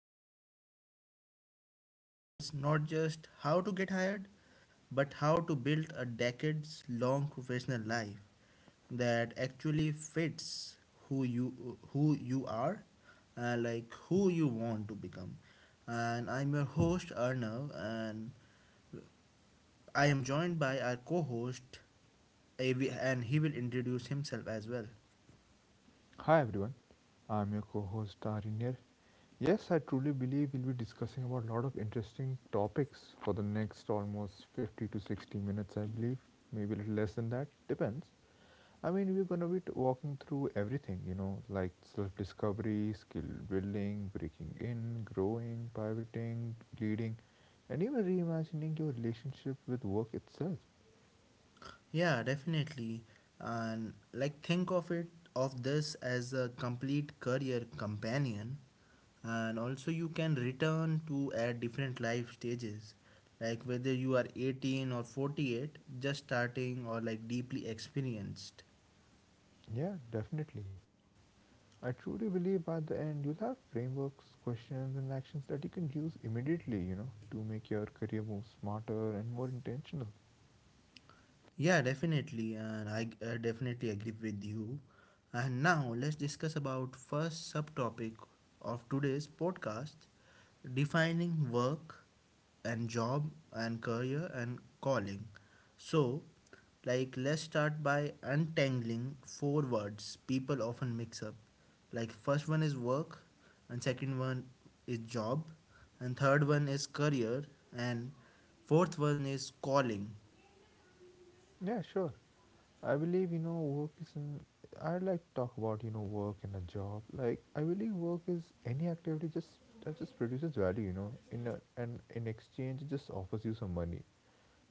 deep dive into careers, not just how to get hired but how to build a decades long professional life that actually fits who you are, like who you want to become. And I'm your host Arnav, and I am joined by our co host, and he will introduce himself as well. Hi everyone, I'm your co-host Arin. Yes, I truly believe we'll be discussing about a lot of interesting topics for the next almost 50 to 60 minutes, I believe. Maybe a little less than that, depends. I mean, we're gonna be walking through everything, you know, like self-discovery, skill building, breaking in, growing, pivoting, leading, and even reimagining your relationship with work itself. Yeah, definitely. And like, think of it of this as a complete career companion, and also you can return to at different life stages, like whether you are 18 or 48, just starting or like deeply experienced. Yeah, definitely. I truly believe by the end you'll have frameworks, questions, and actions that you can use immediately, you know, to make your career move smarter and more intentional. Yeah, definitely, and I definitely agree with you. And now let's discuss about first subtopic of today's podcast, defining work and job and career and calling. So, like let's start by untangling four words people often mix up. Like first one is work, and second one is job, and third one is career, and fourth one is calling. Yeah, sure. I believe, you know, work is an. I'd like to talk about, you know, work and a job. Like, I believe work is any activity just that just produces value, you know, in a, and in exchange, it just offers you some money.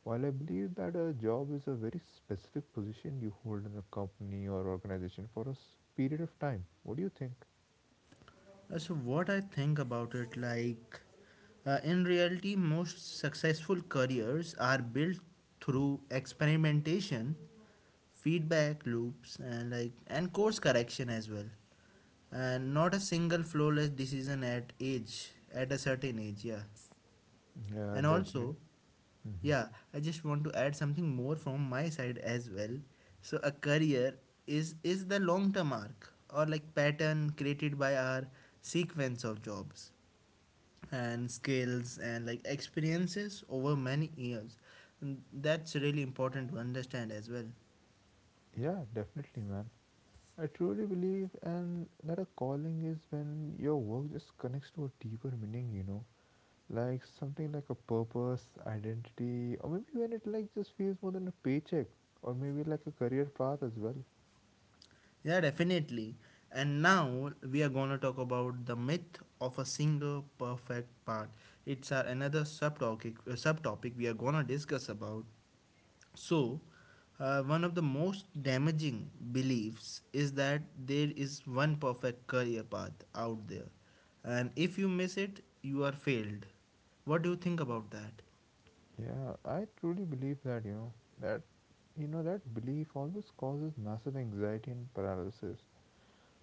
While I believe that a job is a very specific position you hold in a company or organization for a period of time, what do you think? So what I think about it, like in reality, most successful careers are built through experimentation, feedback loops, and course correction as well, and not a single flawless decision at age at a certain age. Yeah, Yeah, and also, definitely. yeah, I just want to add something more from my side as well. So a career is the long term arc or like pattern created by our sequence of jobs and skills and like experiences over many years, and that's really important to understand as well. Yeah, definitely, man. I truly believe and that a calling is when your work just connects to a deeper meaning, you know, like something like a purpose, identity, or maybe when it like just feels more than a paycheck, or maybe like a career path as well. Yeah, definitely. And now we are going to talk about the myth of a single perfect part. It's our another subtopic, subtopic we are going to discuss about. So, one of the most damaging beliefs is that there is one perfect career path out there, and if you miss it you are failed. What do you think about that? Yeah, I truly believe that, you know, that you know that belief always causes massive anxiety and paralysis.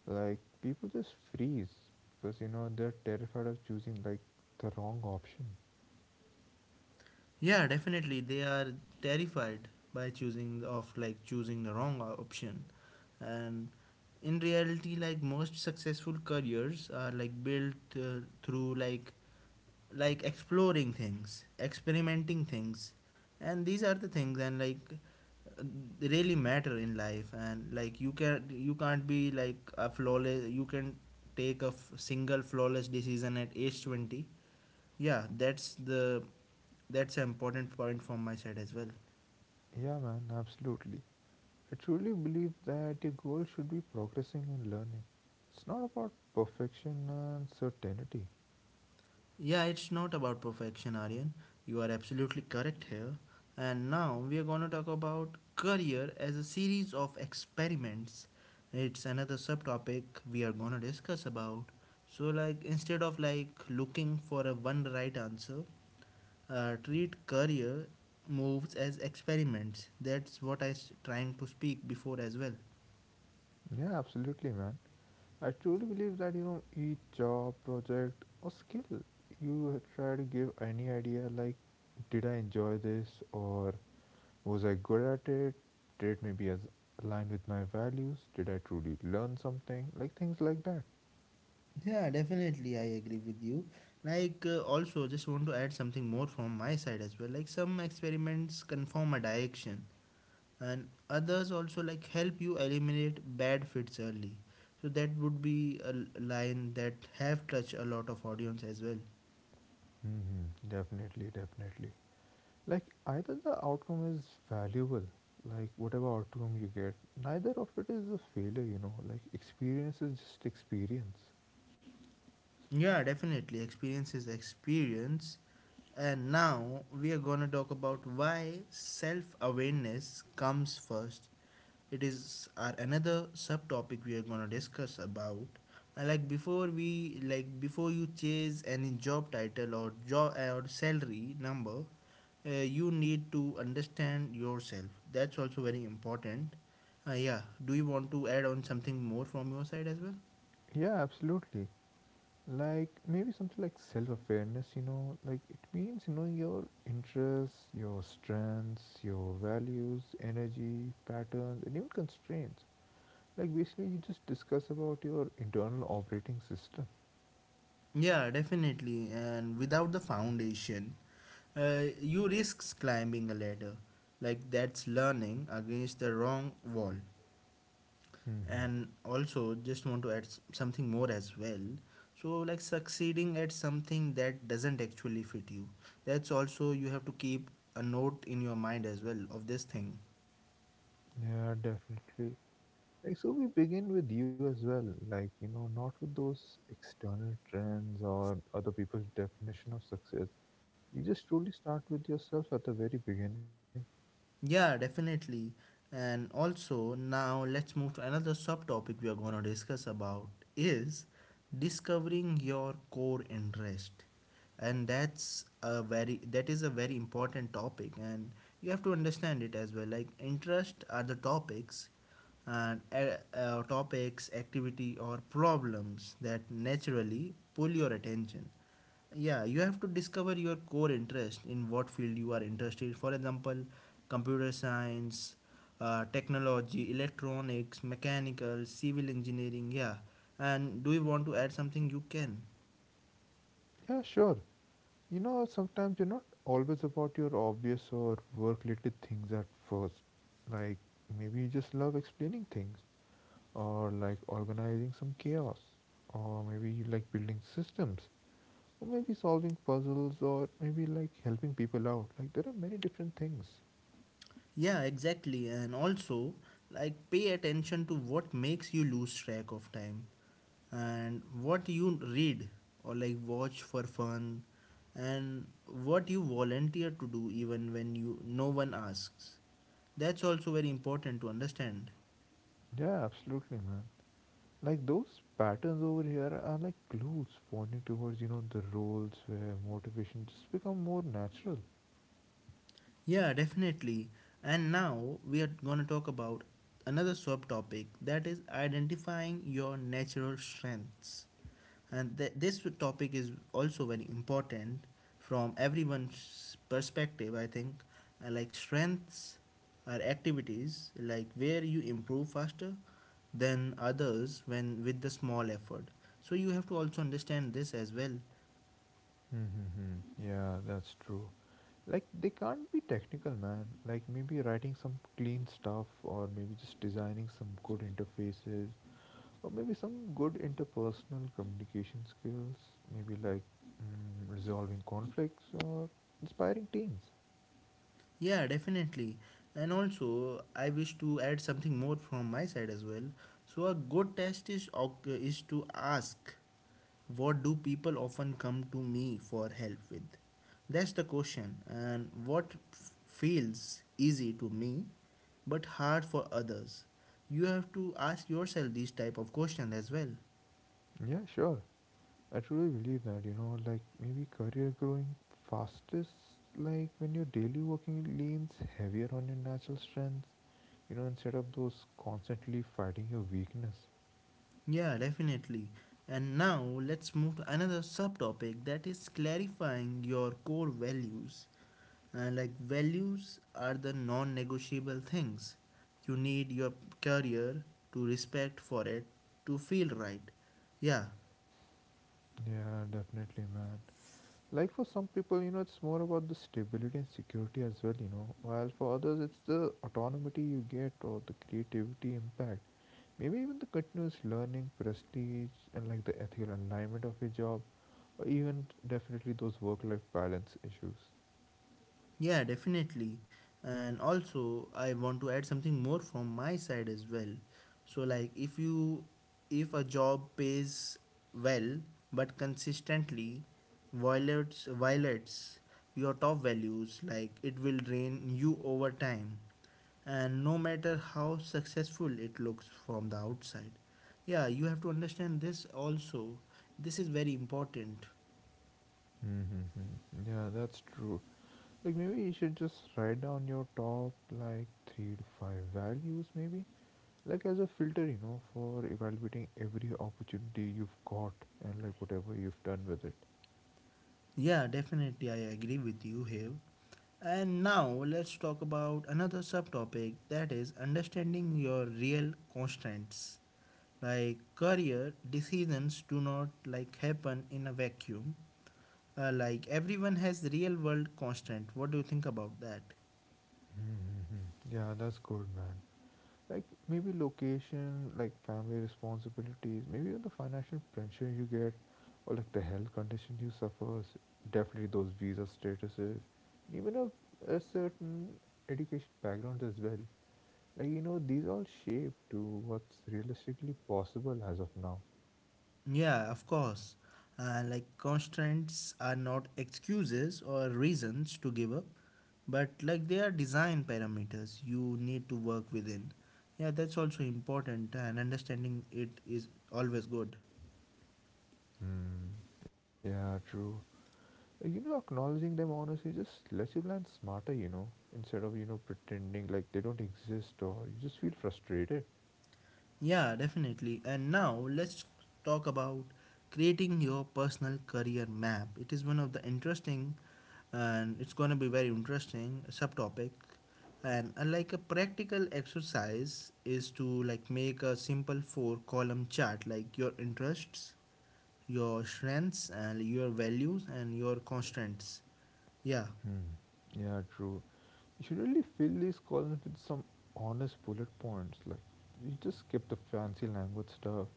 Like people just freeze because you know they're terrified of choosing like the wrong option. Yeah, definitely. They are terrified by choosing the- of like choosing the wrong option. And in reality, like most successful careers are like built through like exploring things, experimenting things. And these are the things, and like uh, they really matter in life, and like you can't be like a flawless, you can take a single flawless decision at age 20. Yeah, that's an important point from my side as well. Yeah, man, absolutely. I truly believe that your goal should be progressing and learning. It's not about perfection and certainty. Yeah, it's not about perfection, Aryan. You are absolutely correct here. And now we are going to talk about career as a series of experiments. It's another subtopic we are going to discuss about. So like instead of like looking for a one right answer, treat career moves as experiments. That's what I trying to speak before as well. Yeah, absolutely, man. I truly believe that, you know, each job, project, or skill, you try to give any idea like, did I enjoy this or was I good at it? Did it maybe as align with my values? Did I truly learn something? Like things like that. Yeah, definitely, I agree with you. Like, also, just want to add something more from my side as well. Like, some experiments confirm a direction, and others also like help you eliminate bad fits early. So that would be a line that have touched a lot of audience as well. Definitely, definitely. Like either the outcome is valuable, like whatever outcome you get, neither of it is a failure, you know, like experience is just experience. Yeah, definitely. Experience is experience. And now we are going to talk about why self awareness comes first. It is our another subtopic we are going to discuss about. And like before we like before you chase any job title or job or salary number, you need to understand yourself. That's also very important. Yeah, do you want to add on something more from your side as well? Yeah, absolutely. Like maybe something like self-awareness, you know, like it means knowing your interests, your strengths, your values, energy patterns, and even constraints. Like basically you just discuss about your internal operating system. Yeah, definitely. And without the foundation, you risk climbing a ladder. Like that's learning against the wrong wall. Mm-hmm. And also, just want to add something more as well. So, like succeeding at something that doesn't actually fit you. That's also you have to keep a note in your mind as well of this thing. Yeah, definitely. Like, so we begin with you as well, like, you know, not with those external trends or other people's definition of success. You just truly start with yourself at the very beginning. Yeah, definitely. And also now let's move to another subtopic we are going to discuss about is discovering your core interest. And that is a very important topic, and you have to understand it as well. Like interest are the topics and topics, activity or problems that naturally pull your attention. Yeah, you have to discover your core interest in what field you are interested, for example computer science, technology, electronics, mechanical, civil engineering. Yeah. And do you want to add something? You can. Yeah, sure. You know, sometimes you're not always about your obvious or work related things at first. Like, maybe you just love explaining things, or like organizing some chaos, or maybe you like building systems, or maybe solving puzzles, or maybe like helping people out. Like, there are many different things. Yeah, exactly. And also, like, pay attention to what makes you lose track of time, and what you read or like watch for fun, and what you volunteer to do even when you no one asks. That's also very important to understand. Yeah, absolutely, man. Like those patterns over here are like clues pointing towards, you know, the roles where motivation just become more natural. Yeah, definitely. And now we are going to talk about another sub topic, that is identifying your natural strengths. And this topic is also very important from everyone's perspective, I think. Like strengths are activities like where you improve faster than others when with the small effort. So you have to also understand this as well. Mm-hmm. Yeah, that's true. Like they can't be technical, man. Like maybe writing some clean stuff, or maybe just designing some good interfaces, or maybe some good interpersonal communication skills. Maybe like resolving conflicts or inspiring teams. Yeah, definitely. And also, I wish to add something more from my side as well. So, a good test is is to ask, what do people often come to me for help with? That's the question. And what feels easy to me, but hard for others? You have to ask yourself these type of questions as well. Yeah, sure. I truly believe that, you know, like maybe career growing fastest, like when your daily working leans heavier on your natural strengths, you know, instead of those constantly fighting your weakness. Yeah, definitely. And now let's move to another subtopic, that is clarifying your core values. Like values are the non-negotiable things you need your career to respect for it to feel right. Yeah. Yeah, definitely, man. Like for some people, you know, it's more about the stability and security as well, you know, while for others, it's the autonomy you get or the creativity impact. Maybe even the continuous learning, prestige, and like the ethical alignment of your job or even definitely those work-life balance issues. Yeah, definitely. And also, I want to add something more from my side as well. So, like, if a job pays well but consistently violates your top values, like it will drain you over time. And no matter how successful it looks from the outside, yeah, you have to understand this also. This is very important. Mm-hmm. Yeah, that's true. Like maybe you should just write down your top like three to five values, maybe like as a filter, you know, for evaluating every opportunity you've got and like whatever you've done with it. Yeah, definitely, I agree with you here. And now let's talk about another subtopic, that is understanding your real constraints. Like career decisions do not like happen in a vacuum. Like everyone has real world constraint. What do you think about that? Mm-hmm. Yeah, that's good, man. Like maybe location, like family responsibilities, maybe even the financial pressure you get, or like the health condition you suffers, definitely those visa statuses and even a certain education backgrounds as well. Like, you know, these all shape to what's realistically possible as of now. Yeah, of course. Like constraints are not excuses or reasons to give up, but like they are design parameters you need to work within. Yeah, that's also important, and understanding it is always good. Hmm. Yeah, true. You know, acknowledging them honestly just lets you plan smarter, you know, instead of you know pretending like they don't exist or you just feel frustrated. Yeah, definitely. And now let's talk about creating your personal career map. It is one of the interesting, and it's going to be very interesting subtopic. And like a practical exercise is to like make a simple four column chart, like your interests, your strengths, and your values, and your constants. Yeah. Hmm. Yeah, true. You should really fill these columns with some honest bullet points. Like, you just skip the fancy language stuff.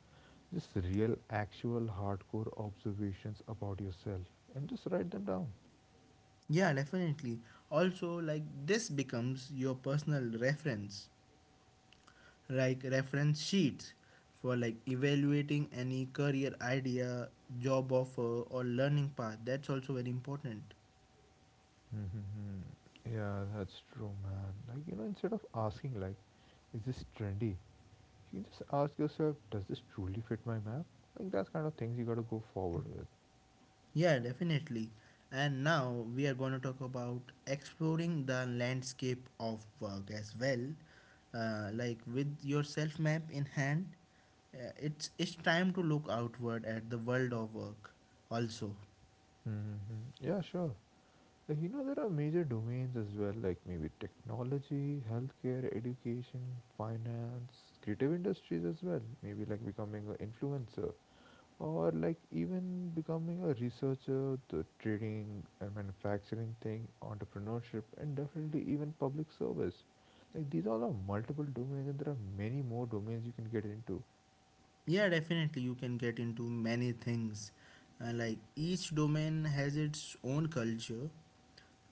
Just real, actual, hardcore observations about yourself, and just write them down. Yeah, definitely. Also like this becomes your personal reference, like reference sheets for like evaluating any career idea, job offer, or learning path. That's also very important. Yeah, that's true, man. Like, you know, instead of asking, like, is this trendy? You can just ask yourself, does this truly fit my map? Like, that's kind of things you gotta go forward with. Yeah, definitely. And now we are going to talk about exploring the landscape of work as well. Like with your self map in hand, it's time to look outward at the world of work. Also, hmm Yeah, sure. You know, there are major domains as well, like maybe technology, healthcare, education, finance, creative industries as well. Maybe like becoming an influencer or like even becoming a researcher, the trading and manufacturing thing, entrepreneurship, and definitely even public service. Like these all are multiple domains, and there are many more domains you can get into. yeah, definitely you can get into many things. Like each domain has its own culture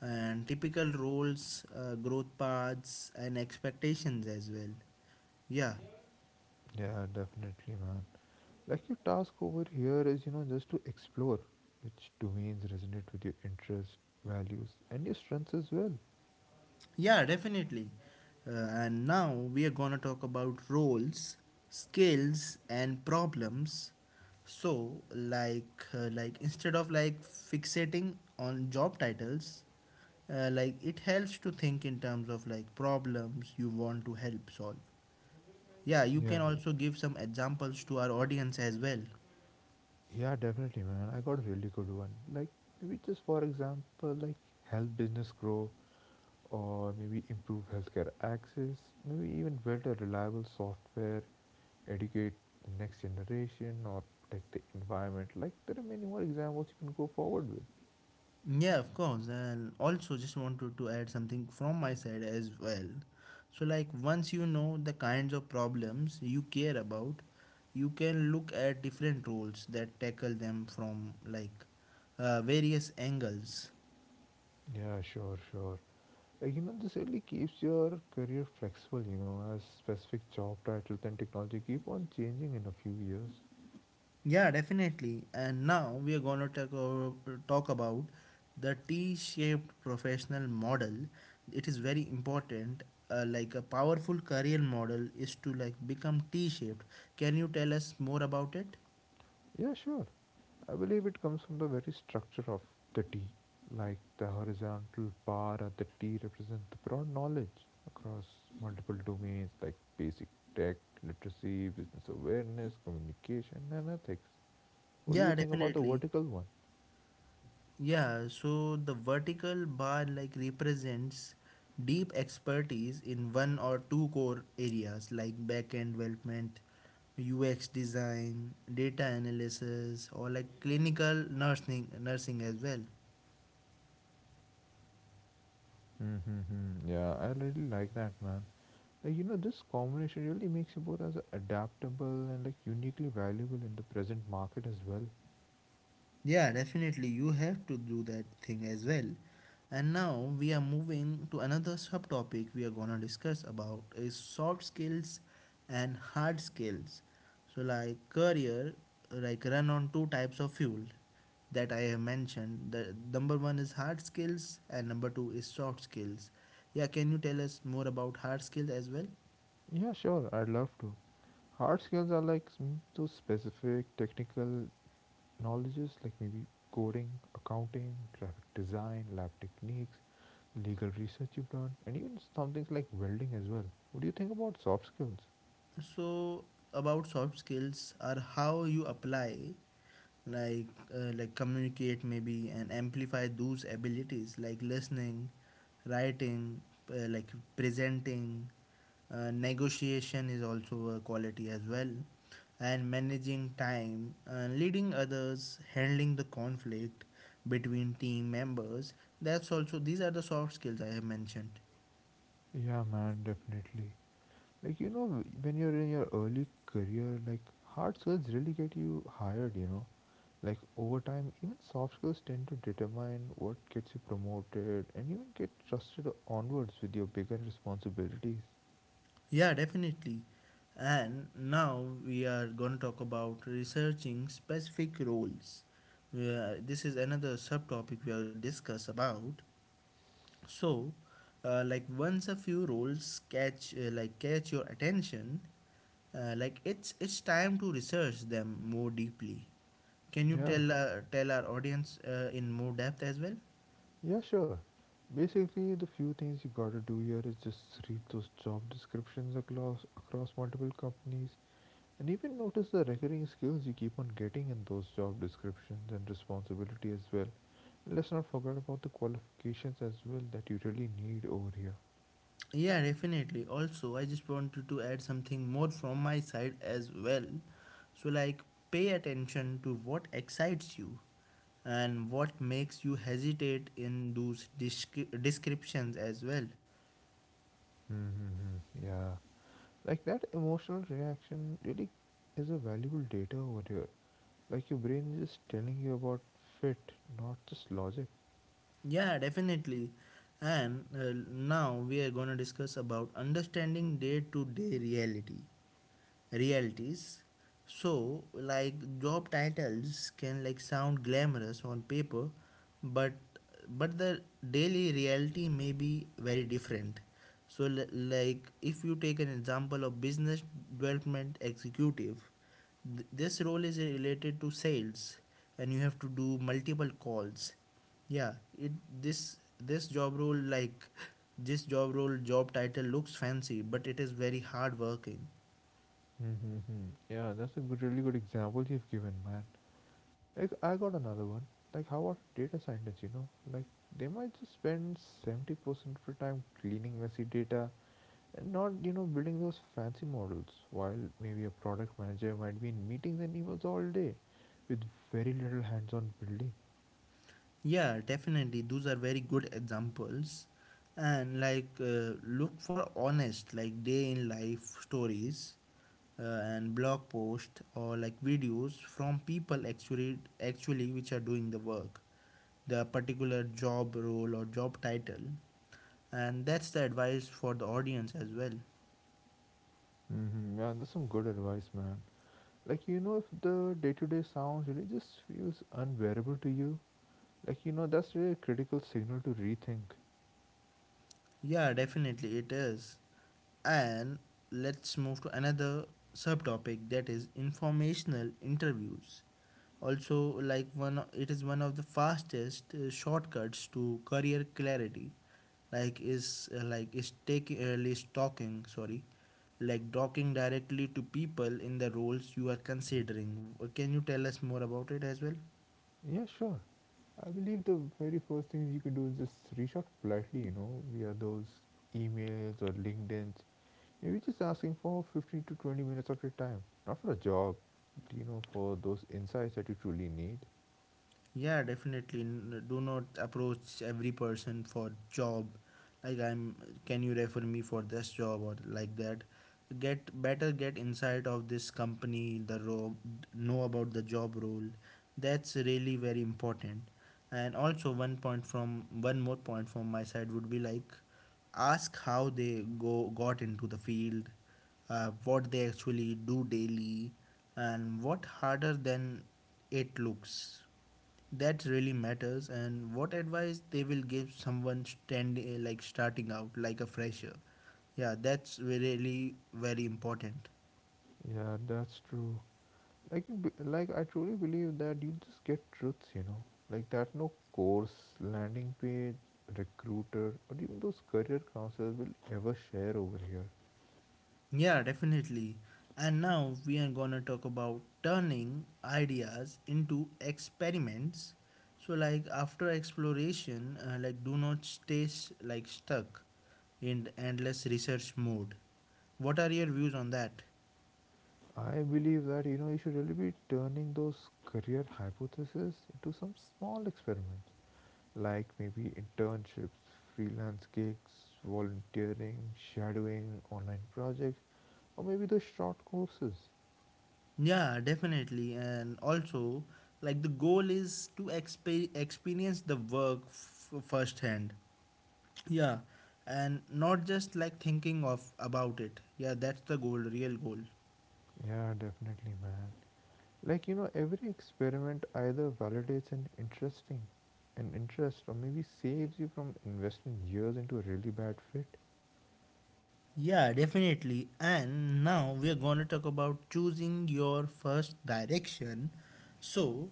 and typical roles, growth paths, and expectations as well. Yeah, Yeah, definitely, man. Like your task over here is, you know, just to explore which domains resonate with your interests, values, and your strengths as well. yeah, definitely. And now we are gonna talk about roles, skills, and problems. So, like instead of like fixating on job titles, like it helps to think in terms of like problems you want to help solve. Yeah, you Yeah, can also give some examples to our audience as well. yeah, definitely, man. I got a really good one. Like maybe just for example, like help business grow, or maybe improve healthcare access, maybe even build a reliable software, educate the next generation, or protect the environment. Like there are many more examples you can go forward with. Yeah, of course. And also, just wanted to add something from my side as well. So, like, once you know the kinds of problems you care about, you can look at different roles that tackle them from like various angles. Yeah, sure, sure. Like, you know, this really keeps your career flexible, you know, as specific job titles and technology keep on changing in a few years. Yeah, definitely. And now we are going to talk about the T-shaped professional model. It is very important. Like a powerful career model is to like become T-shaped. Can you tell us more about it? Yeah, sure. I believe it comes from the very structure of the T. Like, the horizontal bar at the T represents the broad knowledge across multiple domains like basic tech, literacy, business awareness, communication, and ethics. What do you Yeah, think about the definitely. vertical one? Yeah, so the vertical bar like represents deep expertise in one or two core areas like backend development, UX design, data analysis, or like clinical nursing as well. Mm-hmm. Yeah, I really like that, man. Like, you know, this combination really makes you both as adaptable and like uniquely valuable in the present market as well. Yeah, definitely. You have to do that thing as well. And now we are moving to another subtopic we are gonna discuss about is soft skills and hard skills. So like career, like run on two types of fuel that I have mentioned. The number one is hard skills and number two is soft skills. Yeah, can you tell us more about hard skills as well? Yeah, sure, I'd love to. Hard skills are like those specific technical knowledges like maybe coding, accounting, graphic design, lab techniques, legal research you've done, and even some things like welding as well. What do you think about soft skills? So about soft skills are how you apply like like communicate maybe and amplify those abilities like listening, writing, like presenting, negotiation is also a quality as well, and managing time, leading others, handling the conflict between team members. That's also, these are the soft skills I have mentioned. Yeah, man, definitely. Like, you know, when you're in your early career, like hard skills really get you hired, you know, like over time even soft skills tend to determine what gets you promoted and even get trusted onwards with your bigger responsibilities. Yeah, definitely. And now we are going to talk about researching specific roles. This is another subtopic we will discuss about. So, like once a few roles catch like catch your attention, like it's time to research them more deeply. Can you Yeah, tell tell our audience in more depth as well? yeah, sure. Basically the few things you gotta do here is just read those job descriptions across multiple companies, and even notice the recurring skills you keep on getting in those job descriptions and responsibility as well. Let's not forget about the qualifications as well that you really need over here. Yeah, definitely. Also, I just wanted to add something more from my side as well. So, like, Pay attention to what excites you and what makes you hesitate in those descriptions as well. Mm-hmm. Yeah. Like that emotional reaction really is a valuable data over here. Like your brain is just telling you about fit, not just logic. Yeah, definitely. And now we are going to discuss about understanding day to day reality. Realities. So, like job titles can like sound glamorous on paper, but the daily reality may be very different. So, like if you take an example of business development executive, this role is related to sales and you have to do multiple calls, yeah, it this this job role like this job role job title looks fancy, but it is very hard working. Mm-hmm. Yeah, that's a good, really good example you've given, man. Like I got another one. Like how about data scientists? You know, like they might just spend 70% of their time cleaning messy data and not, you know, building those fancy models. While maybe a product manager might be in meetings and emails all day, with very little hands-on building. Yeah, definitely those are very good examples. And like look for honest like day in life stories, uh, and blog posts or like videos from people actually which are doing the work, the particular job role or job title. And that's the advice for the audience as well. Mm-hmm. Yeah, that's some good advice, man. Like, you know, if the day to day sounds really just feels unbearable to you, like, you know, that's really a critical signal to rethink. Yeah, definitely it is. And let's move to another subtopic that is informational interviews. Also, like one, it is one of the fastest shortcuts to career clarity. Like is taking is talking, sorry, like talking directly to people in the roles you are considering. Can you tell us more about it as well? Yeah, sure. I believe the very first thing you can do is just reach out politely, you know, via those emails or LinkedIn's. Maybe just asking for 15 to 20 minutes of your time, not for a job, you know, for those insights that you truly need. Yeah, definitely. Do not approach every person for job. Like I'm, can you refer me for this job or like that? Get inside of this company, the role, know about the job role. That's really very important. And also one more point from my side would be like, ask how they go got into the field, what they actually do daily, and what harder than it looks that really matters, and what advice they will give someone standing like starting out like a fresher. Yeah, that's really very important. Yeah, that's true. Like you like I truly believe that you just get truths, you know, like that no course landing page, recruiter, or even those career counselors will ever share over here. Yeah, definitely. And now we are gonna talk about turning ideas into experiments. After exploration, like do not stay like stuck in endless research mode. What are your views on that? I believe that, you know, you should really be turning those career hypotheses into some small experiments, like maybe internships, freelance gigs, volunteering, shadowing, online projects, or maybe the short courses. Yeah, definitely. And also, like the goal is to experience the work firsthand. Yeah, and not just like thinking of about it. Yeah, that's the goal, real goal. Yeah, definitely, man. Like, you know, every experiment either validates an interesting an interest, or maybe saves you from investing years into a really bad fit. Yeah, definitely. And now we are going to talk about choosing your first direction. So,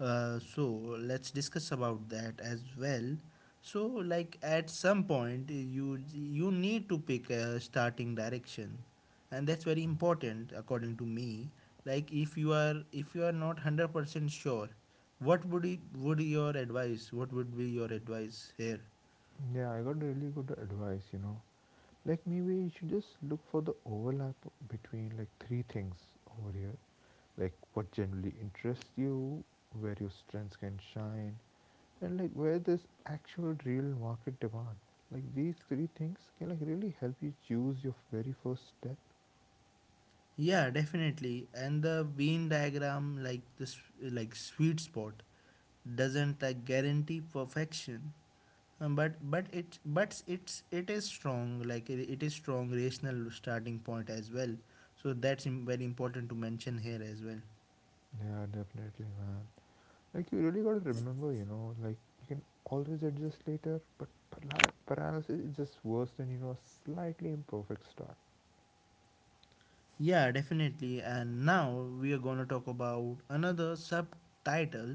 so, let's discuss about that as well. So, like at some point, you need to pick a starting direction, and that's very important according to me. Like if you are not 100% sure, what would it, would your advice? What would be your advice here? Yeah, I got really good advice, you know. Like maybe you should just look for the overlap between like three things over here. Like what generally interests you, where your strengths can shine, and like where there's actual real market demand. Like these three things can like really help you choose your very first step. Yeah, definitely. And the Venn diagram, like this, like sweet spot, doesn't like guarantee perfection, but it is strong. Like it is strong rational starting point as well. So that's very important to mention here as well. Yeah, definitely, man. Like you really gotta remember, you know, like you can always adjust later, but paralysis is just worse than you know a slightly imperfect start. Yeah, definitely. And now we are going to talk about another subtitle,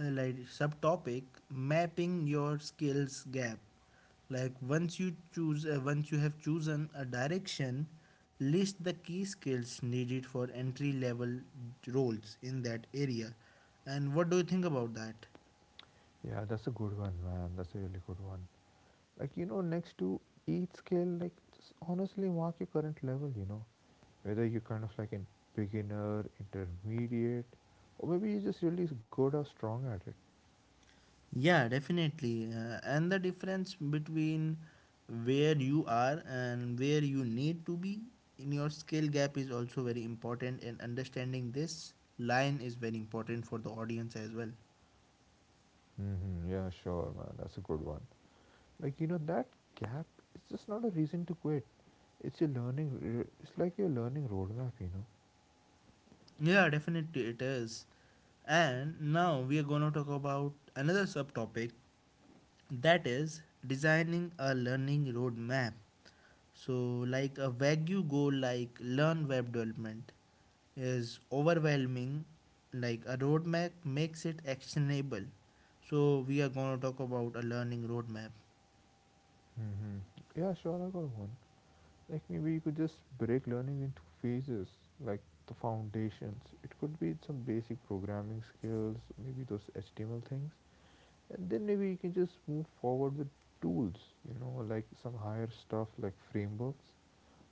subtopic, mapping your skills gap. Like once you have chosen a direction, list the key skills needed for entry level roles in that area. And what do you think about that? Yeah, that's a good one, man. That's a really good one. Like you know, next to each scale, like just honestly mark your current level. You know, whether you're kind of like in beginner, intermediate, or maybe you're just really good or strong at it. Yeah, definitely. And the difference between where you are and where you need to be in your skill gap is also very important, and understanding this line is very important for the audience as well. Yeah, sure, man. That's a good one. Like you know that gap it's just not a reason to quit. It's your learning. It's like your learning roadmap. You know. Yeah, definitely it is. And now we are going to talk about another subtopic that is designing a learning roadmap. So, like a vague goal like learn web development is overwhelming. Like a roadmap makes it actionable, so we are going to talk about a learning roadmap. Mm-hmm. Yeah, sure, I got one. Like maybe you could just break learning into phases, like the foundations. It could be some basic programming skills, maybe those HTML things, and then maybe you can just move forward with tools. You know, like some higher stuff like frameworks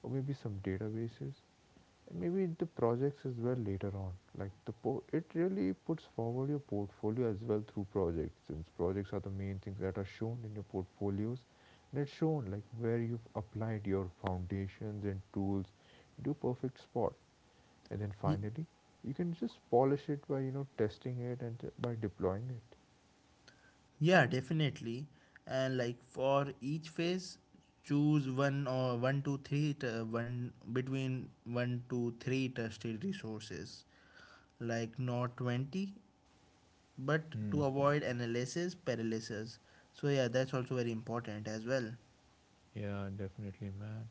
or maybe some databases. And maybe the projects as well later on, like it really puts forward your portfolio as well through projects, since projects are the main things that are shown in your portfolios, and it's shown like where you've applied your foundations and tools into a perfect spot. And then Ye- finally you can just polish it by you know testing it and by deploying it. yeah, definitely. And like for each phase, choose one or one to three t- one between one to three trusted resources, like not 20, but Hmm. to avoid analysis paralysis. So yeah, that's also very important as well. Yeah, definitely, man.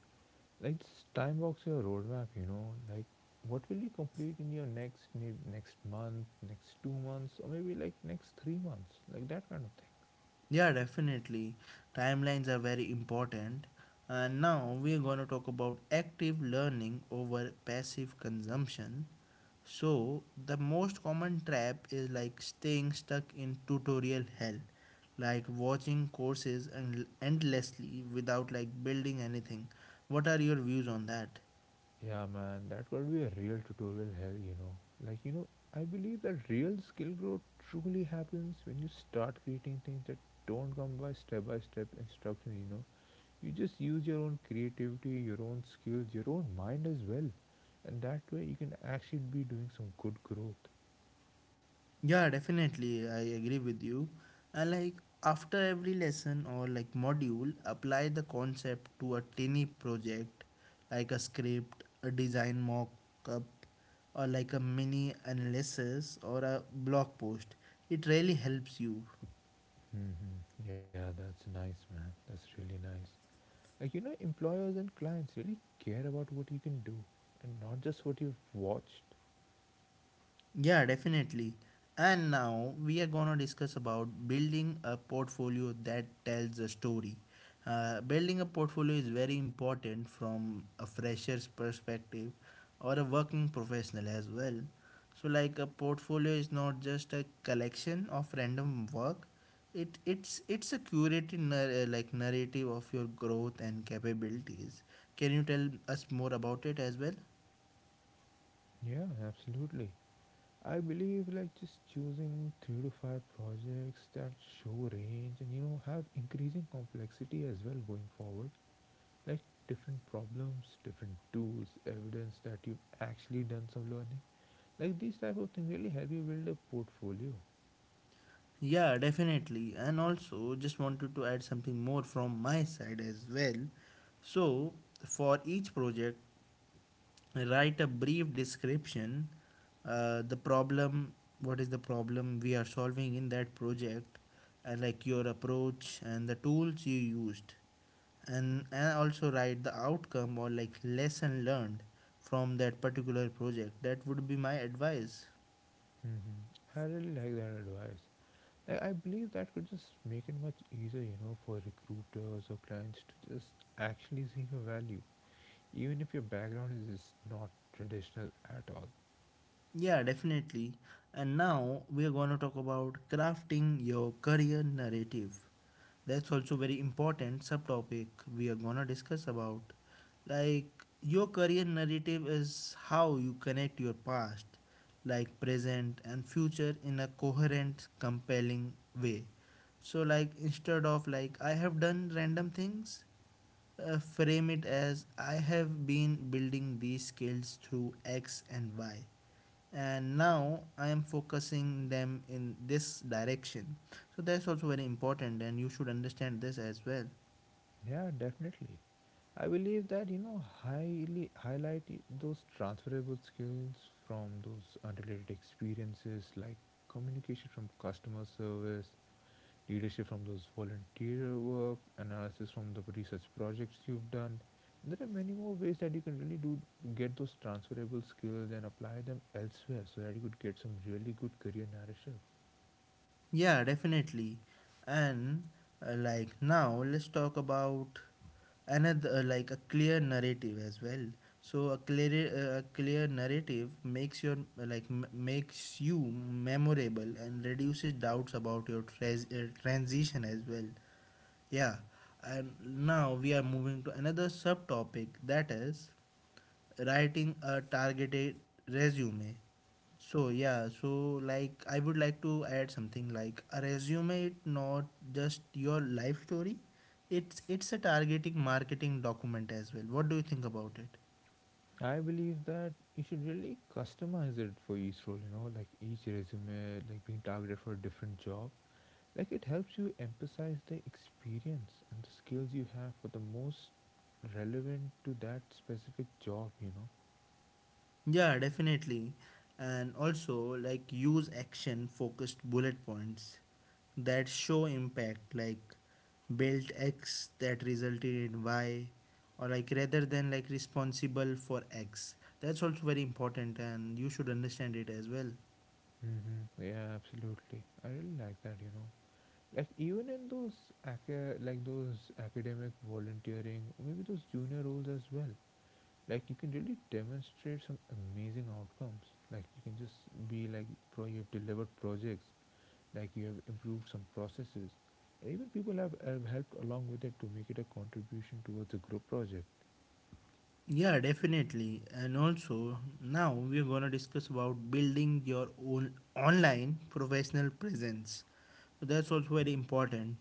Like just time box your roadmap, you know. Like what will you complete in your next ne next month, next 2 months, or maybe like next 3 months, like that kind of thing. Yeah, definitely. Timelines are very important. And now we are going to talk about active learning over passive consumption. So, the most common trap is like staying stuck in tutorial hell, like watching courses and endlessly without like building anything. What are your views on that? Yeah, man, that could be a real tutorial hell, you know. Like you know, I believe that real skill growth truly happens when you start creating things that don't come by step instructions. You know, you just use your own creativity, your own skills, your own mind as well, and that way you can actually be doing some good growth. Yeah, definitely. I agree with you. And like after every lesson or like module, apply the concept to a tiny project like a script, a design mock up, or like a mini analysis or a blog post. It really helps you. Yeah, that's nice, man. That's really nice. Like, you know, employers and clients really care about what you can do and not just what you've watched. Yeah, definitely. And now we are gonna discuss about building a portfolio that tells a story. Building a portfolio is very important from a fresher's perspective or a working professional as well. So, like a portfolio is not just a collection of random work. It's a curated narrative of your growth and capabilities. Can you tell us more about it as well? Yeah, absolutely. I believe, like, just choosing three to five projects that show range and, you know, have increasing complexity as well going forward. Like, different problems, different tools, evidence that you've actually done some learning. Like, these type of things really help you build a portfolio. Yeah, definitely. And also, just wanted to add something more from my side as well. So, for each project, write a brief description, the problem, what is the problem we are solving in that project, and like your approach and the tools you used, and also write the outcome or like lesson learned from that particular project. That would be my advice. Mm-hmm. I really like that advice. I believe that could just make it much easier, you know, for recruiters or clients to just actually see your value, even if your background is just not traditional at all. Yeah, definitely. And now we are going to talk about crafting your career narrative. That's also very important subtopic we are going to discuss about. Like your career narrative is how you connect your past, like present and future in a coherent, compelling way. So like instead of like I have done random things, frame it as I have been building these skills through X and Y, and now I am focusing them in this direction. So that's also very important and you should understand this as well. Yeah, definitely. I believe that you know highly highlight those transferable skills from those unrelated experiences like communication from customer service, leadership from those volunteer work, analysis from the research projects you've done. And there are many more ways that you can really do get those transferable skills and apply them elsewhere so that you could get some really good career narrative. Yeah, definitely. And now let's talk about another, like a clear narrative as well. So a clear, a clear narrative makes your, makes you memorable and reduces doubts about your transition as well. Yeah, and now we are moving to another subtopic that is writing a targeted resume. So yeah, so like I would like to add something. Like a resume is not just your life story, it's a targeting marketing document as well. What do you think about it? I believe that you should really customize it for each role, you know, like each resume, like being targeted for a different job. Like it helps you emphasize the experience and the skills you have for the most relevant to that specific job, you know. Yeah, definitely. And also, like, use action focused bullet points that show impact, like, built X that resulted in Y, or like, rather than like responsible for X. That's also very important, and you should understand it as well. Mm-hmm. Yeah, absolutely. I really like that, you know. Like even in those like those academic volunteering, or maybe those junior roles as well. Like you can really demonstrate some amazing outcomes. Like you can just be like pro you have delivered projects, like you have improved some processes. And even people have helped along with it to make it a contribution towards a group project. Yeah, definitely. And also, now we're going to discuss about building your own online professional presence. So that's also very important.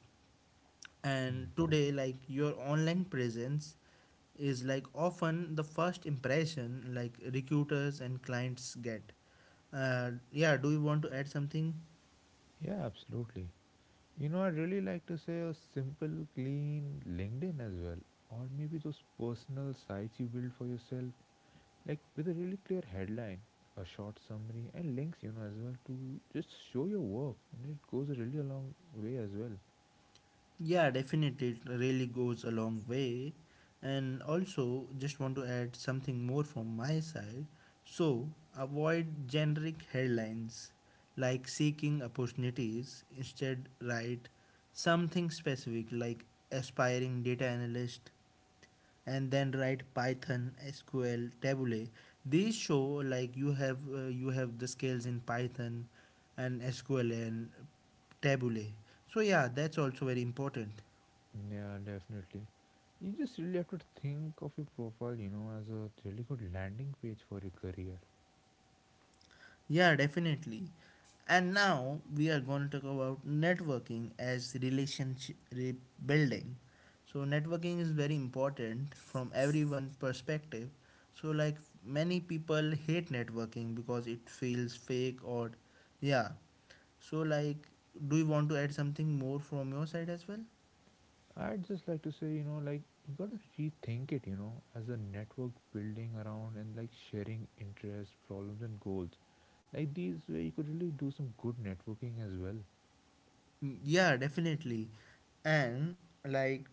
And hmm today, like your online presence is like often the first impression like recruiters and clients get. Yeah, do you want to add something? Yeah, absolutely. You know, I'd really like to say a simple, clean LinkedIn as well, or maybe those personal sites you build for yourself, like with a really clear headline, a short summary, and links, you know, as well to just show your work, and it goes a really a long way as well. Yeah, definitely, it really goes a long way. And also, just want to add something more from my side. So, avoid generic headlines like seeking opportunities. Instead, write something specific like aspiring data analyst, and then write python sql tabule. These show like you have, you have the skills in python and sql and tabule. So yeah, that's also very important. Yeah, definitely. You just really have to think of your profile, you know, as a really good landing page for your career. Yeah, definitely. And now we are going to talk about networking as relationship building. So networking is very important from everyone's perspective. So like many people hate networking because it feels fake or yeah. So like do you want to add something more from your side as well? I'd just like to say, you know, like you gotta rethink it, you know, as a network building around and like sharing interests, problems, and goals. Like these way, you could really do some good networking as well. Mm, yeah, definitely. And like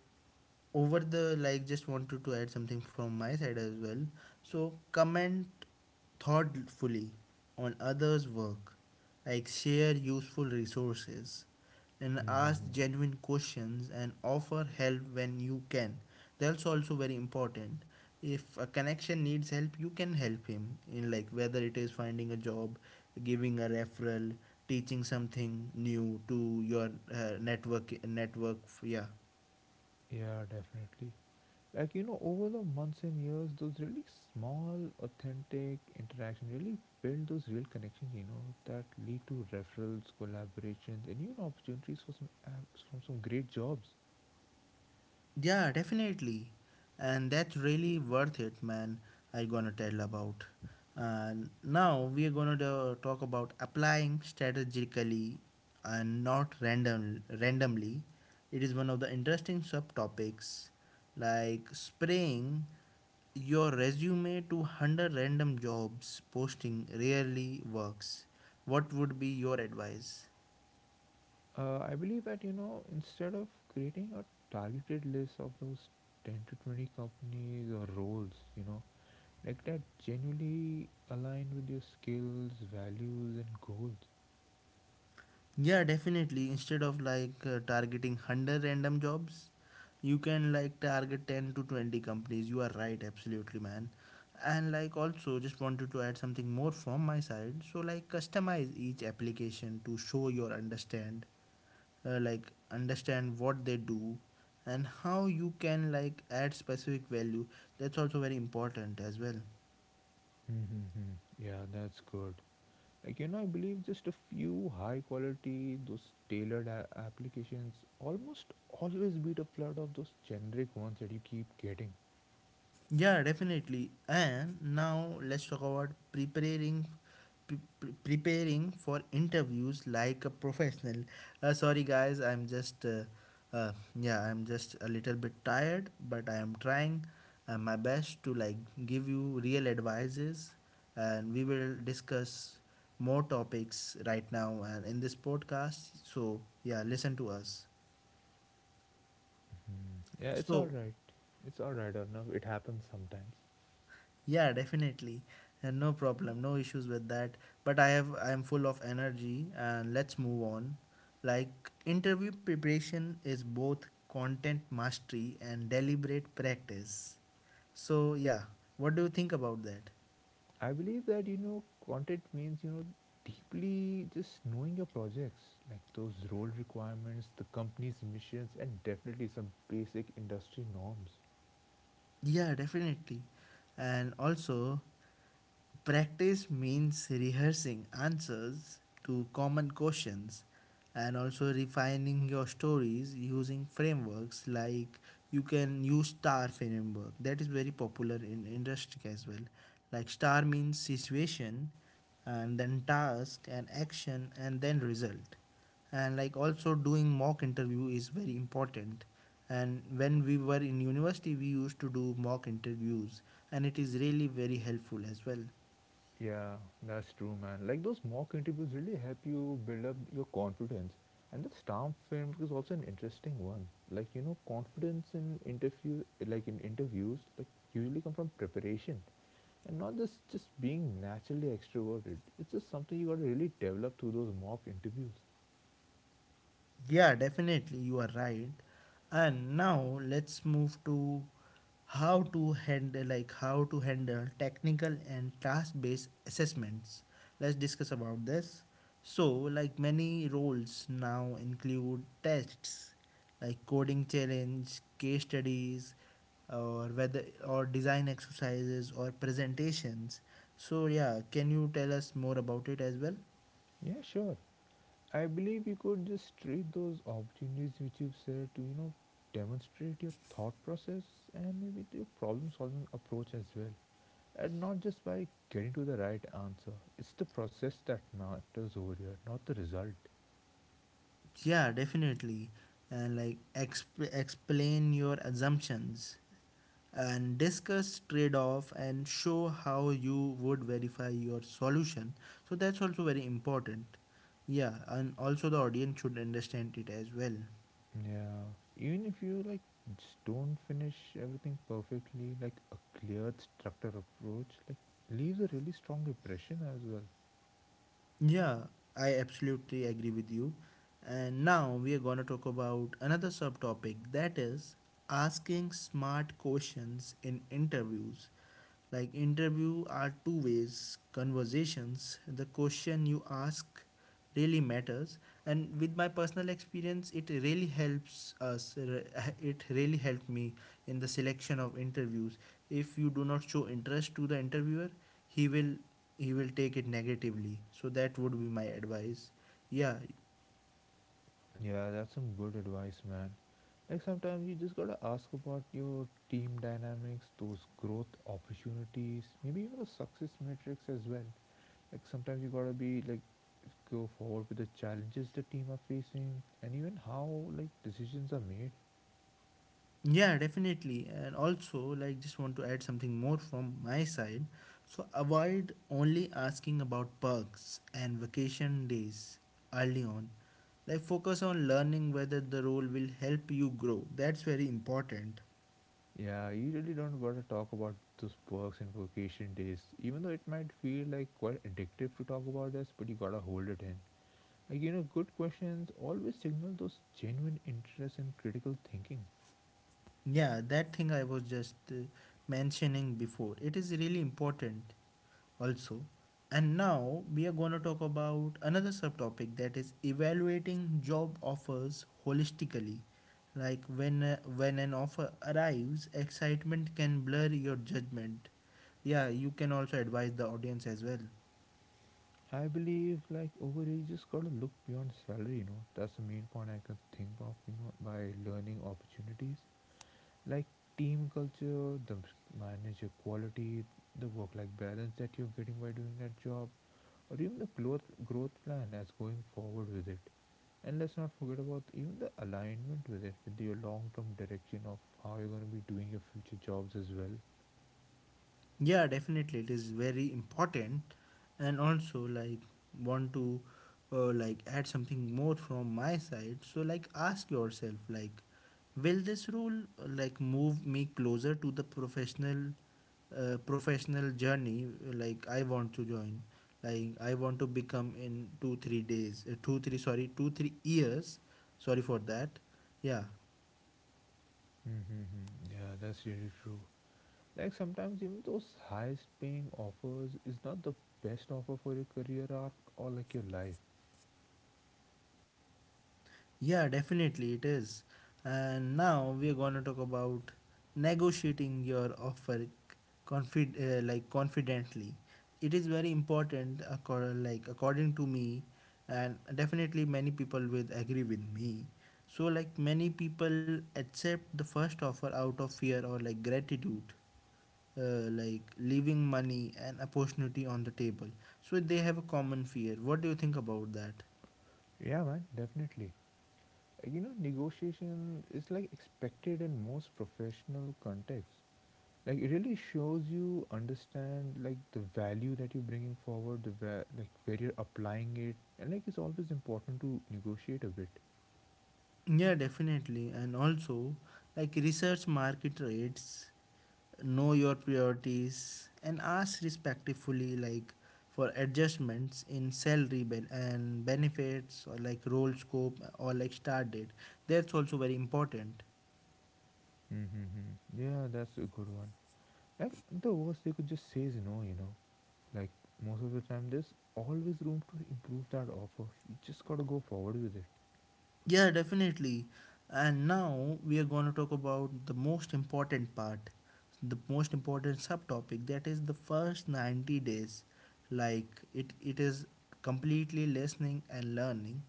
over the like just wanted to add something from my side as well. So comment thoughtfully on others work, like share useful resources, and Mm-hmm. ask genuine questions and offer help when you can. That's also very important. If a connection needs help, you can help him in like whether it is finding a job, giving a referral, teaching something new to your, network network, yeah. Yeah, definitely. Like you know, over the months and years, those really small, authentic interactions really build those real connections, you know, that lead to referrals, collaborations, and even opportunities for some apps from some great jobs. Yeah, definitely. And that's really worth it, man. I gonna tell about. And now we are gonna talk about applying strategically and not randomly. It is one of the interesting subtopics, like spraying your resume to 100 random jobs posting rarely works. What would be your advice? I believe that you know instead of creating a targeted list of those 10 to 20 companies or roles, you know, like that genuinely align with your skills, values, and goals. Yeah, definitely. Instead of like targeting 100 random jobs, you can like target 10 to 20 companies. You are right, absolutely, man. And like also just wanted to add something more from my side. So like customize each application to show your uh, like understand what they do and how you can like add specific value. That's also very important as well. Mm-hmm. Yeah, that's good. Like you know, I believe just a few high quality, those applications almost always beat a flood of those generic ones that you keep getting. Yeah, definitely. And now let's talk about preparing preparing for interviews like a professional. Sorry guys, I'm just uh, yeah, I'm just a little bit tired, but I am trying my best to like give you real advices and we will discuss more topics right now and in this podcast. So, yeah, listen to us. Yeah, it's all So, right. It's all right, Arnav. It happens sometimes. Yeah, definitely. And no problem, no issues with that. But I am full of energy and let's move on. Like interview preparation is both content mastery and deliberate practice. So yeah, what do you think about that? I believe that you know content means you know deeply just knowing your projects, like those role requirements, the company's missions, and definitely some basic industry norms. Yeah, definitely. And also, practice means rehearsing answers to common questions and also refining your stories using frameworks like you can use star framework that is very popular in industry as well. Like star means situation and then task and action and then result. And like also doing mock interview is very important, and when we were in university we used to do mock interviews, and it is really very helpful as well. Yeah, that's true, man. Like those mock interviews really help you build up your confidence. And that stamp framework is also an interesting one. Like you know, confidence in interview, like in interviews, like usually come from preparation and not just being naturally extroverted. It's just something you got to really develop through those mock interviews. Yeah, definitely, you are right. And now let's move to how to handle technical and task-based assessments. Let's discuss about this. So, like many roles now include tests, like coding challenge, case studies, or whether or design exercises or presentations. So, yeah, can you tell us more about it as well? Yeah, sure. I believe you could just treat those opportunities which you've said to, you know, demonstrate your thought process and maybe your problem solving approach as well. And not just by getting to the right answer. It's the process that matters over here, not the result. Yeah, definitely. And like explain your assumptions and discuss trade off and show how you would verify your solution. So that's also very important. Yeah, and also the audience should understand it as well. Yeah. Even if you like just don't finish everything perfectly, like a clear structure approach, like leaves a really strong impression as well. Yeah, I absolutely agree with you. And now we are going to talk about another subtopic that is asking smart questions in interviews. Like interview are two ways conversations. The question you ask really matters, and with my personal experience it really helps us, it really helped me in the selection of interviews. If you do not show interest to the interviewer, he will he will take it negatively, so that would be my advice, yeah. Yeah, that's some good advice, man. Like sometimes you just gotta ask about your team dynamics, those growth opportunities, maybe even the success metrics as well. Like sometimes you gotta be like go forward with the challenges the team are facing and even how like decisions are made. Yeah, definitely. And also, like, just want to add something more from my side. So, avoid only asking about perks and vacation days early on. Like, focus on learning whether the role will help you grow. That's very important. Yeah, you really don't gotta talk about those perks and vacation days, even though it might feel like quite addictive to talk about this, but you gotta hold it in. Like, you know, good questions always signal those genuine interest and critical thinking. Yeah, that thing I was just mentioning before. It is really important also. And now we are going to talk about another subtopic that is evaluating job offers holistically. Like when an offer arrives, excitement can blur your judgment. Yeah, you can also advise the audience as well. I believe, like, overage just gotta look beyond salary, you know. That's the main point I can think of, you know, by learning opportunities. Like, team culture, the manager quality, the work life balance that you're getting by doing that job, or even the growth plan as going forward with it. And let's not forget about even the alignment with it, with your long term direction of how you're going to be doing your future jobs as well. Yeah, definitely, it is very important, and also like want to like add something more from my side. So like ask yourself like, will this role like move me closer to the professional journey like I want to join, like I want to become in 2 3 years, sorry for that, yeah. Mm-hmm. Yeah, that's really true. Like sometimes even those highest paying offers is not the best offer for your career arc or like your life. Yeah, definitely it is. And now we are going to talk about negotiating your offer like confidently. It is very important, like according to me, and definitely many people will agree with me. So like many people accept the first offer out of fear or like gratitude. Like leaving money and opportunity on the table, so they have a common fear. What do you think about that? Yeah, man, definitely. Like, you know, negotiation is like expected in most professional contexts. Like it really shows you understand like the value that you're bringing forward, the like where you're applying it, and like it's always important to negotiate a bit. Yeah, definitely. And also, like research market rates, know your priorities, and ask respectfully, like for adjustments in salary and benefits, or like role scope, or like start date. That's also very important. Mm-hmm. Yeah, that's a good one. Like the worst they could just say is no, you know. Like most of the time, there's always room to improve that offer. You just gotta go forward with it. Yeah, definitely. And now we are going to talk about the most important part, the most important subtopic that is the first 90 days. Like it is completely listening and learning.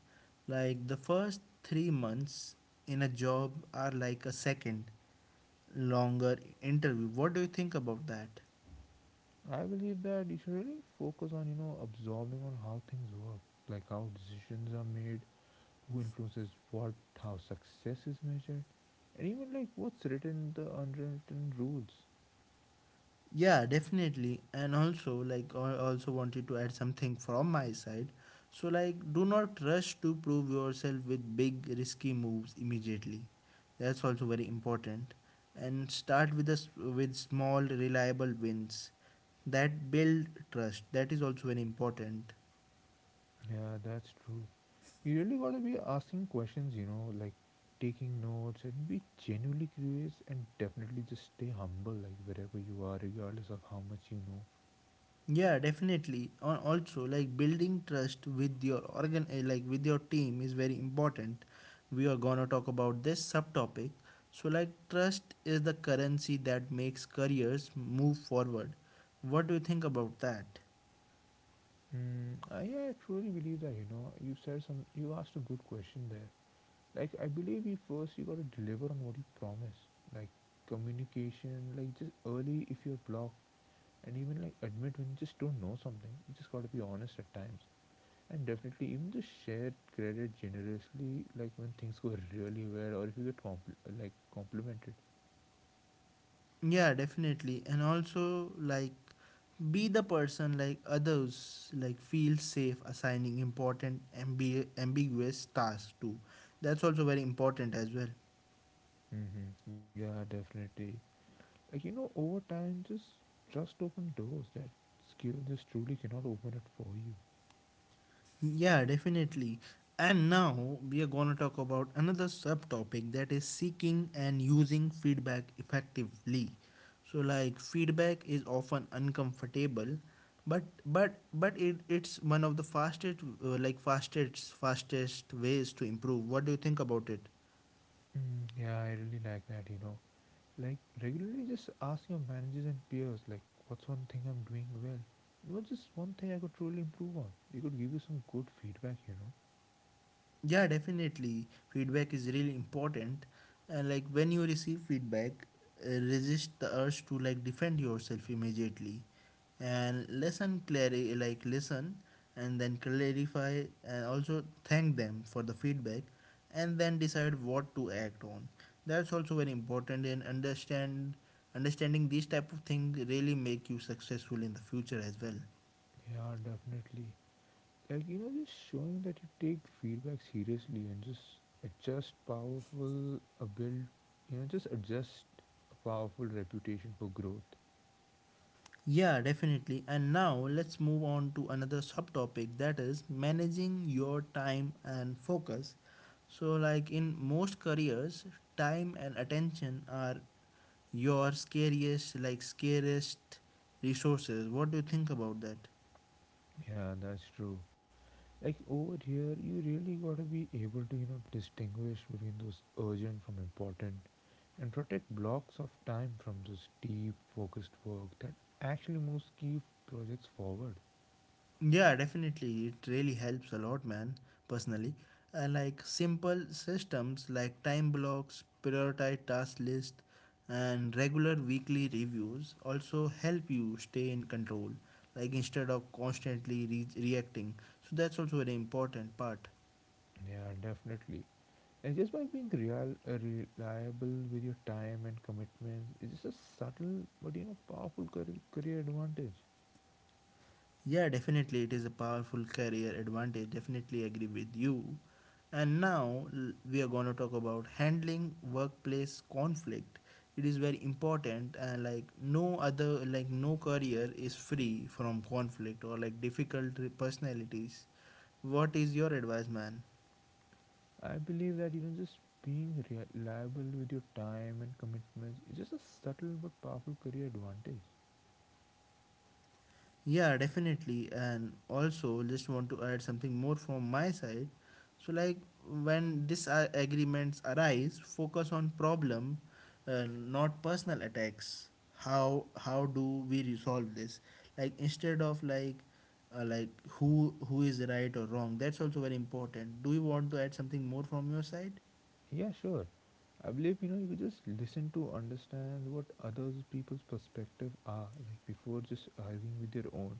Like the first 3 months in a job are like a second longer interview. What do you think about that? I believe that you should really focus on, you know, absorbing on how things work, like how decisions are made, who influences what, how success is measured, and even like what's written in the unwritten rules. Yeah, definitely. And also, like, I also wanted to add something from my side. So, like, do not rush to prove yourself with big, risky moves immediately. That's also very important. And start with us with small, reliable wins that build trust. That is also very important. Yeah, that's true. You really gotta be asking questions, you know, like taking notes and be genuinely curious, and definitely just stay humble like wherever you are regardless of how much you know. Yeah, definitely. Al- Also, like building trust with your like with your team, is very important. We are gonna talk about this subtopic. So, like trust is the currency that makes careers move forward. What do you think about that? Mm, I truly believe that you know you said some you asked a good question there. Like I believe you first you gotta deliver on what you promise. Like communication, like just early if you're blocked, and even like admit when you just don't know something. You just gotta be honest at times, and definitely even just share credit generously. Like when things go really well, or if you get like complimented. Yeah, definitely. And also, like, be the person like others like feel safe assigning important ambiguous tasks to. That's also very important as well. Mm-hmm. Yeah, definitely. Like, you know, over time, just open doors that skill just truly cannot open it for you. Yeah, definitely. And now we are going to talk about another subtopic that is seeking and using feedback effectively. So like feedback is often uncomfortable, but it's one of the fastest fastest ways to improve. What do you think about it? Mm, yeah, I really like that, you know. Like, regularly just ask your managers and peers, like, what's one thing I'm doing well? What's just one thing I could truly improve on? They could give you some good feedback, you know. Yeah, definitely, feedback is really important. And like when you receive feedback, resist the urge to like defend yourself immediately, and listen clearly, like listen and then clarify, and also thank them for the feedback and then decide what to act on. That's also very important. And understanding these type of things really make you successful in the future as well. Yeah, definitely. Like, you know, just showing that you take feedback seriously and just adjust powerful, a build, you know, just adjust a powerful reputation for growth. Yeah, definitely. And now let's move on to another subtopic that is managing your time and focus. So, like in most careers, time and attention are your scariest resources. What do you think about that? Yeah, that's true. Like over here you really got to be able to you know distinguish between those urgent from important and protect blocks of time from those deep focused work that actually moves key projects forward. Yeah, definitely. It really helps a lot, man, personally. Like simple systems like time blocks, prioritized task list, and regular weekly reviews also help you stay in control, like instead of constantly reacting. So that's also very important part. Yeah, definitely. And just by being real reliable with your time and commitments it's just a subtle but you know powerful career advantage. Yeah, definitely, it is a powerful career advantage. Definitely agree with you. And now we are going to talk about handling workplace conflict. It is very important, and like no career is free from conflict or like difficult personalities. What is your advice, man? I believe that you know just being reliable with your time and commitments is just a subtle but powerful career advantage. Yeah, definitely. And also, just want to add something more from my side. So, like when disagreements arise, focus on problem, not personal attacks. How do we resolve this? Like instead of like who is right or wrong. That's also very important. Do you want to add something more from your side? Yeah, sure. I believe you know you could just listen to understand what other people's perspective are like before just arguing with your own.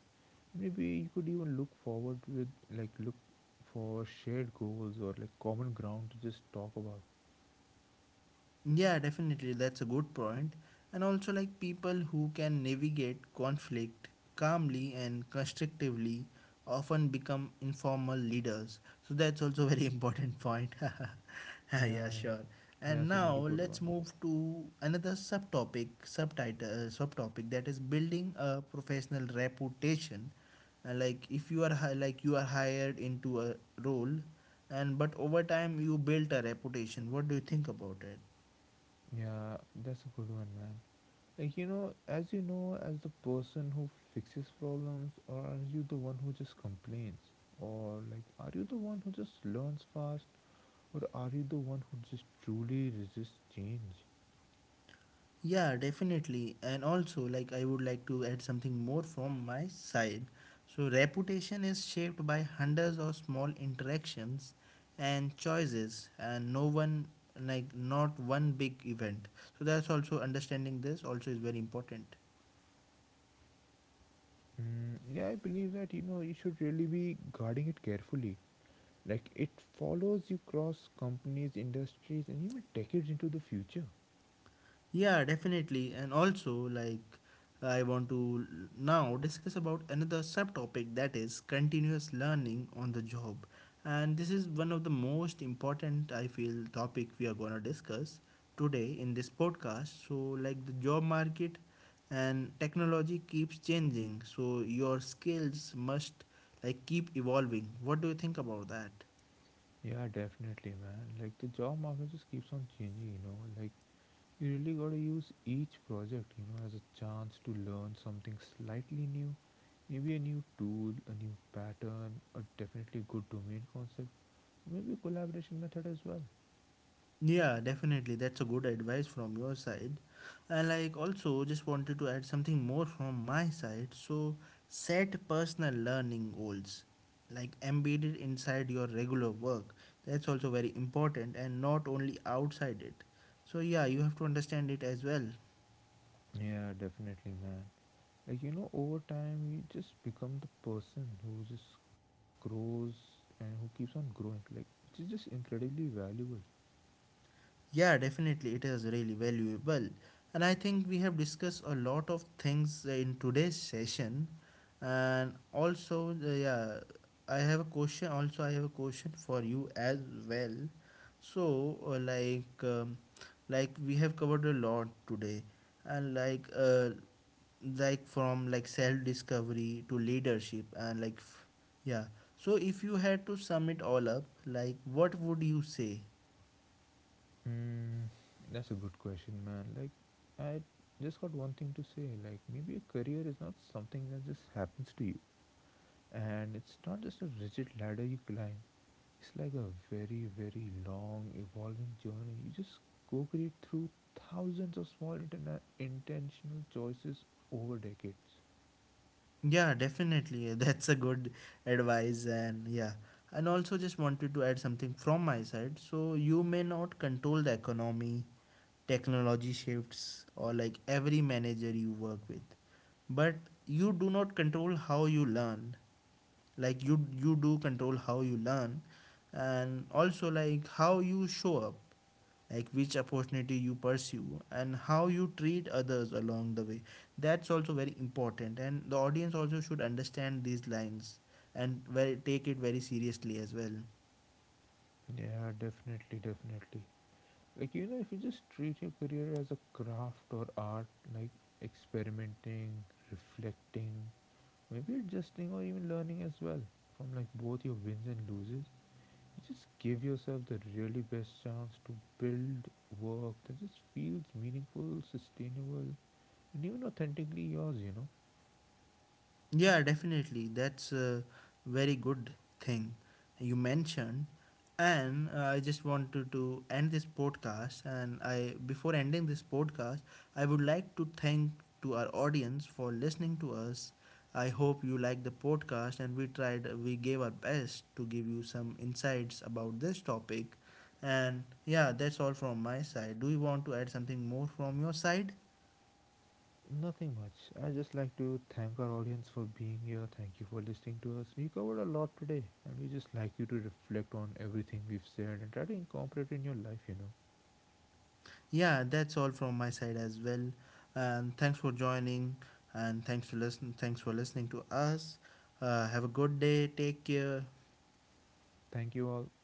Maybe you could even look forward with look for shared goals or like common ground to just talk about. Yeah, definitely. That's a good point. And also, like people who can navigate conflict calmly and constructively often become informal leaders. So, that's also very important point. yeah, Yeah, sure. yeah, And that's a now really good let's one. move to another subtopic that is building a professional reputation. Like if you are hi- like you are hired into a role, and but over time you built a reputation. What do you think about it? Yeah, that's a good one, man. Like you know, as the person who fixes problems, or are you the one who just complains, or like are you the one who just learns fast? Or are you the one who just truly resists change? Yeah, definitely. And also, like, I would like to add something more from my side. So, reputation is shaped by hundreds of small interactions and choices, and not one big event. So, that's also understanding this also is very important. Mm, yeah, I believe that you know you should really be guarding it carefully. Like it follows you across companies, industries, and even decades into the future. Yeah, definitely. And also, like, I want to now discuss about another subtopic that is continuous learning on the job. And this is one of the most important, I feel, topic we are going to discuss today in this podcast. So, like, the job market and technology keeps changing. So, your skills must, like, keep evolving. What do you think about that? Yeah, definitely, man. Like the job market just keeps on changing, you know. Like you really gotta use each project, you know, as a chance to learn something slightly new. Maybe a new tool, a new pattern, or definitely good domain concept, maybe a collaboration method as well. Yeah, definitely. That's a good advice from your side. And like also just wanted to add something more from my side. So set personal learning goals like embedded inside your regular work. That's also very important and not only outside it. So yeah, you have to understand it as well. Yeah, definitely, man. Like, you know, over time, you just become the person who just grows and who keeps on growing, like, which is just incredibly valuable. Yeah, definitely, it is really valuable. And I think we have discussed a lot of things in today's session. And also, yeah, I have a question. Also, I have a question for you as well. So, like we have covered a lot today, and like from like self discovery to leadership, and like, yeah. So, if you had to sum it all up, like, what would you say? Mm, that's a good question, man. Like, I just got one thing to say. Like, maybe a career is not something that just happens to you, and it's not just a rigid ladder you climb. It's like a very, very long evolving journey. You just co create through thousands of small intentional choices over decades. Yeah, definitely. That's a good advice. And yeah, and also just wanted to add something from my side. So, you may not control the economy, technology shifts, or like every manager you work with, but you do not control how you learn, like you do control how you learn, and also like how you show up, like which opportunity you pursue and how you treat others along the way. That's also very important, and the audience also should understand these lines and very, take it very seriously as well. Yeah, definitely, definitely. Like, you know, if you just treat your career as a craft or art, like experimenting, reflecting, maybe adjusting or even learning as well from like both your wins and loses, you just give yourself the really best chance to build work that just feels meaningful, sustainable, new and authentically yours, you know. Yeah, definitely. That's a very good thing you mentioned. And I just wanted to end this podcast. And I, before ending this podcast, I would like to thank to our audience for listening to us. I hope you liked the podcast, and we tried, we gave our best to give you some insights about this topic. And yeah, that's all from my side. Do you want to add something more from your side? Nothing much. I just like to thank our audience for being here. Thank you for listening to us. We covered a lot today, and we just like you to reflect on everything we've said and try to incorporate in your life, you know. Yeah, that's all from my side as well. And thanks for joining and thanks for listening to us. Have a good day. Take care. Thank you all.